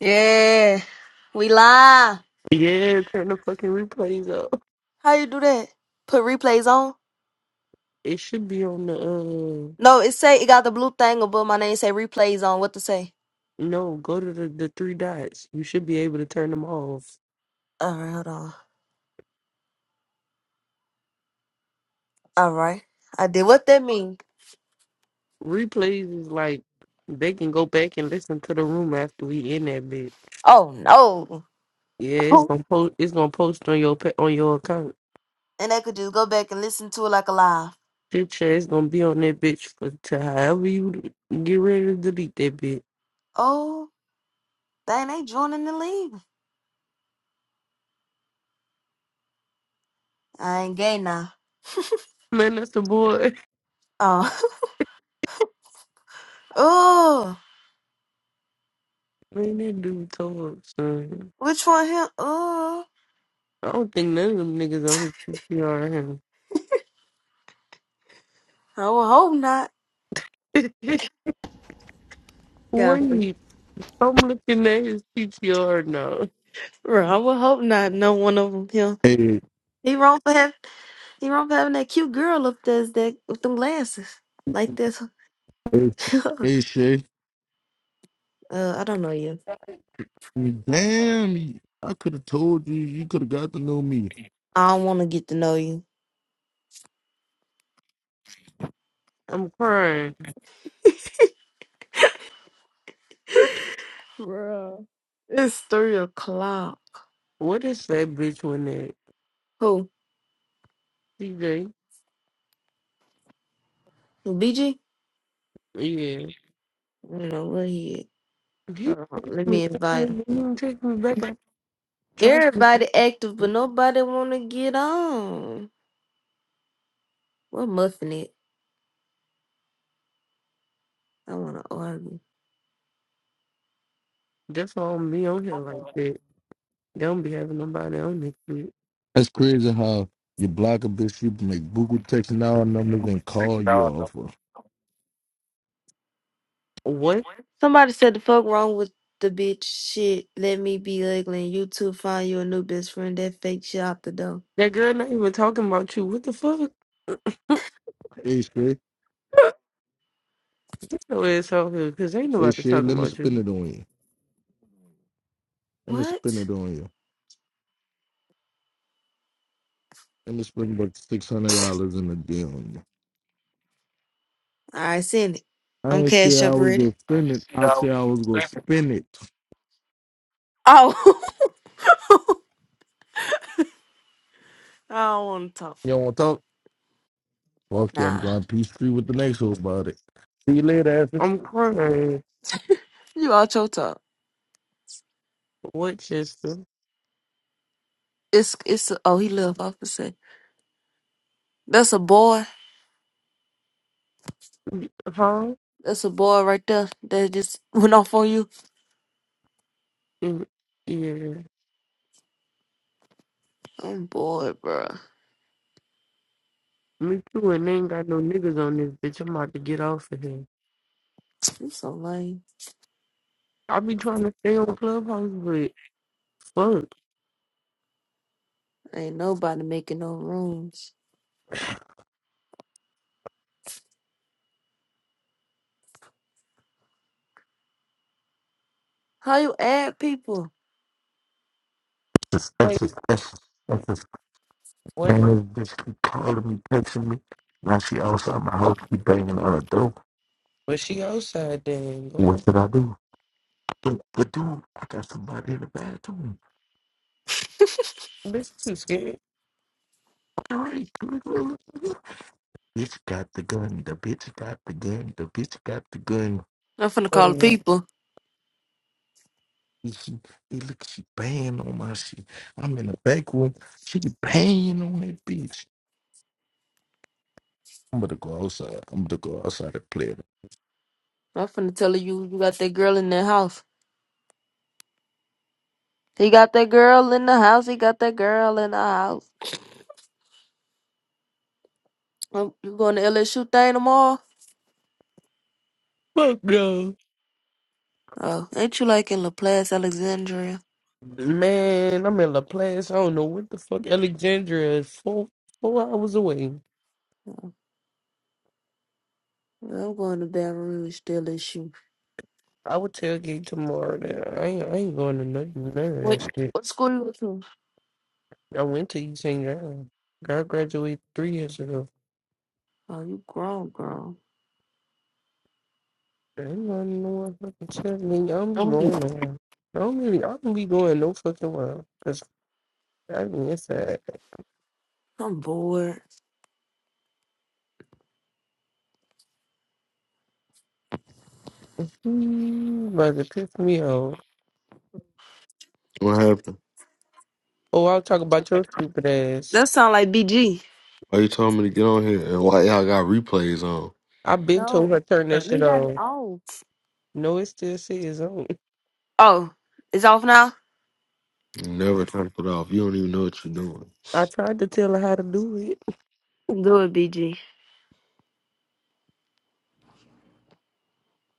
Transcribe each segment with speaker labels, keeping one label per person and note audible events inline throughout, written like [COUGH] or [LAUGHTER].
Speaker 1: Yeah, we live.
Speaker 2: Yeah, turn the fucking replays up.
Speaker 1: How you do that? Put replays on?
Speaker 2: It should be on the uh
Speaker 1: No, it say it got the blue thing above my name. Say replays on. What to say?
Speaker 2: no, go to the, the three dots. You should be able to turn them off.
Speaker 1: All right, hold on. All right, I did. What that mean?
Speaker 2: Replays is like they can go back and listen to the room after we in that bitch.
Speaker 1: Oh no.
Speaker 2: Yeah, it's
Speaker 1: [LAUGHS]
Speaker 2: gonna post it's gonna post on your pa- on your account.
Speaker 1: and they could just go back and listen to it like a live.
Speaker 2: Shit yeah, it's gonna be on that bitch for to however you get ready to delete that bitch.
Speaker 1: Oh, dang, they joining the league. I ain't gay now.
Speaker 2: Man, that's the boy. [LAUGHS]
Speaker 1: Oh, [LAUGHS] oh,
Speaker 2: Man, that dude told son.
Speaker 1: which one him? Oh,
Speaker 2: I don't think none of them niggas on his PTR
Speaker 1: I would hope not.
Speaker 2: him. [LAUGHS] Wait.
Speaker 1: Godfrey.
Speaker 2: I'm looking at his PTR now.
Speaker 1: Bro, I would hope not. No one of them him.
Speaker 3: Hey,
Speaker 1: He wrong for him. He wrong for having that cute girl up there is that with them glasses like this.
Speaker 3: hey, Sh-
Speaker 1: [LAUGHS]
Speaker 3: hey, Shay.
Speaker 1: uh, I don't know you.
Speaker 3: Damn, you- I could have told you. You could have got to know me.
Speaker 1: I don't want to get to know you,
Speaker 2: I'm crying.
Speaker 1: Bro, It's three o'clock.
Speaker 2: What is that bitch one at?
Speaker 1: Who?
Speaker 2: CJ.
Speaker 1: Who, BG?
Speaker 2: Yeah.
Speaker 1: I don't know where he. Is.
Speaker 2: He
Speaker 1: Hold on,
Speaker 2: take
Speaker 1: let
Speaker 2: me,
Speaker 1: me invite him.
Speaker 2: he even take me back. I trust me.
Speaker 1: Everybody active, but nobody want to get on. We're muffin it. I want to argue.
Speaker 2: That's why I'm be on here like that. They don't be having nobody on this shit.
Speaker 3: That's crazy how you block a bitch, you make Google text now numbers and call you off her.
Speaker 2: What?
Speaker 1: Somebody said the fuck wrong with the bitch shit. Let me be ugly and you two find you a new best friend. That fake shit out the door.
Speaker 2: That girl not even talking about you. What the fuck?
Speaker 3: Hey, Shay.
Speaker 1: [LAUGHS]
Speaker 2: Get your ass out here, cause ain't
Speaker 3: Hey,
Speaker 2: nobody
Speaker 3: Shay,
Speaker 2: talking
Speaker 3: let me
Speaker 2: about
Speaker 3: spin
Speaker 2: you.
Speaker 3: it on you. Let me
Speaker 1: What?
Speaker 3: spin it on you. Let me spend about $600 in a deal on you.
Speaker 1: I send it.
Speaker 3: I
Speaker 1: I'm
Speaker 3: didn't say
Speaker 1: cash
Speaker 3: I
Speaker 1: up
Speaker 3: was
Speaker 1: ready.
Speaker 3: going to spend it. I
Speaker 1: Oh,
Speaker 3: said I was going to spin it.
Speaker 1: [LAUGHS] I don't want to talk.
Speaker 3: You don't want to talk? Fuck you. I'm
Speaker 1: Nah,
Speaker 3: going peace free with the next hoe about it. See you later,
Speaker 2: I'm crying.
Speaker 1: you out your talk.
Speaker 2: What, Chester?
Speaker 1: It's it's a, oh he left. I was say that's a boy.
Speaker 2: Huh?
Speaker 1: That's a boy right there that just went off on you.
Speaker 2: Mm, Yeah.
Speaker 1: I'm bored, bro.
Speaker 2: Me too, and they ain't got no niggas on this bitch. I'm about to get off of here.
Speaker 1: You so lame.
Speaker 2: I be trying to stay on Clubhouse, but fuck.
Speaker 1: Ain't nobody making no rooms. How you add people?
Speaker 2: Wait,
Speaker 3: Effie. [LAUGHS]
Speaker 2: what?
Speaker 3: Man, this bitch keep calling me, texting me. Now she outside my house, keep banging on the door.
Speaker 2: But she outside then.
Speaker 3: What
Speaker 2: Go
Speaker 3: should I
Speaker 2: like
Speaker 3: do? Look, But dude, I got somebody in the bathroom.
Speaker 2: that. Bitch, too scared.
Speaker 3: All right, good, good, good, good. bitch got the gun. The bitch got the gun. The bitch got the gun.
Speaker 1: I'm finna
Speaker 2: Oh
Speaker 1: call the
Speaker 2: yeah.
Speaker 1: people.
Speaker 3: He, she, he look, she banging on my shit. I'm in the back room. She banging on that bitch. I'm gonna go outside. I'm gonna go outside and play. around.
Speaker 1: I'm finna tell her you you got that girl in the house. He got that girl in the house. He got that girl in the house. Um, You going to LSU thing tomorrow?
Speaker 2: Fuck no.
Speaker 1: Oh, ain't you like in Laplace, Alexandria?
Speaker 2: Man, I'm in La Place. I don't know what the fuck. Alexandria is four four hours away.
Speaker 1: Yeah, I'm going to Baton Rouge, still issue.
Speaker 2: I would tailgate tomorrow. Then. I ain't I ain't going to nothing none of
Speaker 1: What
Speaker 2: that shit.
Speaker 1: what school you go to?
Speaker 2: I went to East St. John. I graduated three years ago.
Speaker 1: Oh, you grown, girl.
Speaker 2: I ain't going to no one fucking shit. I mean, I don't be
Speaker 1: I'm
Speaker 2: going nowhere. I don't really. I don't be going no fucking well. I miss that.
Speaker 1: I'm bored.
Speaker 2: Mm, Brother, piss me off.
Speaker 4: What happened?
Speaker 2: Oh, I'll talk about your stupid ass.
Speaker 1: That sound like BG.
Speaker 4: Why you told me to get on here and why y'all got replays on?
Speaker 2: I've been told
Speaker 1: No,
Speaker 2: her turn that
Speaker 1: we
Speaker 2: shit
Speaker 1: got it
Speaker 2: off.
Speaker 1: off.
Speaker 2: No, it still says on.
Speaker 1: Oh, it's off now.
Speaker 4: You never turn it off. You don't even know what you're doing.
Speaker 2: I tried to tell her how to do it.
Speaker 1: Do it, BG.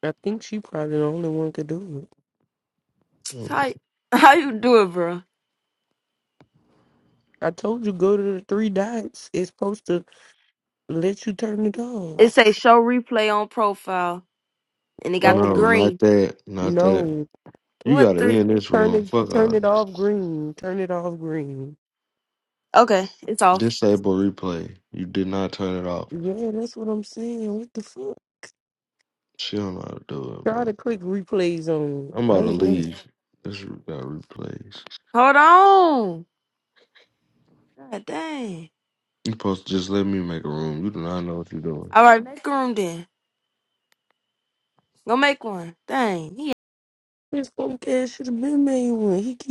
Speaker 2: I think she probably the only one could do it.
Speaker 4: Mm,
Speaker 1: How [LAUGHS] how you do it, bro?
Speaker 2: I told you go to the three dots. It's supposed to let you turn it
Speaker 1: It
Speaker 2: off.
Speaker 1: say show replay on profile, and it got the
Speaker 4: No,
Speaker 2: Don't
Speaker 4: not
Speaker 1: green.
Speaker 4: that. Not that.
Speaker 2: no.
Speaker 4: You
Speaker 1: What
Speaker 4: gotta
Speaker 1: the?
Speaker 4: end this
Speaker 2: Turn
Speaker 4: room.
Speaker 2: it
Speaker 4: Fuck
Speaker 2: turn
Speaker 4: off.
Speaker 2: it off green. Turn it off green.
Speaker 1: Okay, it's off.
Speaker 4: Disable replay. You did not turn it off.
Speaker 2: Yeah, that's what I'm saying. What the fuck?
Speaker 4: She don't know how to do it,
Speaker 2: Try
Speaker 4: bro.
Speaker 2: to click replays on.
Speaker 4: I'm
Speaker 2: I
Speaker 4: about to
Speaker 2: don't know.
Speaker 4: leave. This room got replays.
Speaker 1: Hold on. God dang.
Speaker 4: You supposed to just let me make a room. You do not know what you're doing.
Speaker 1: All right, make make a room then. Go make one. Dang. He
Speaker 2: This punk ass should have been made one. He keep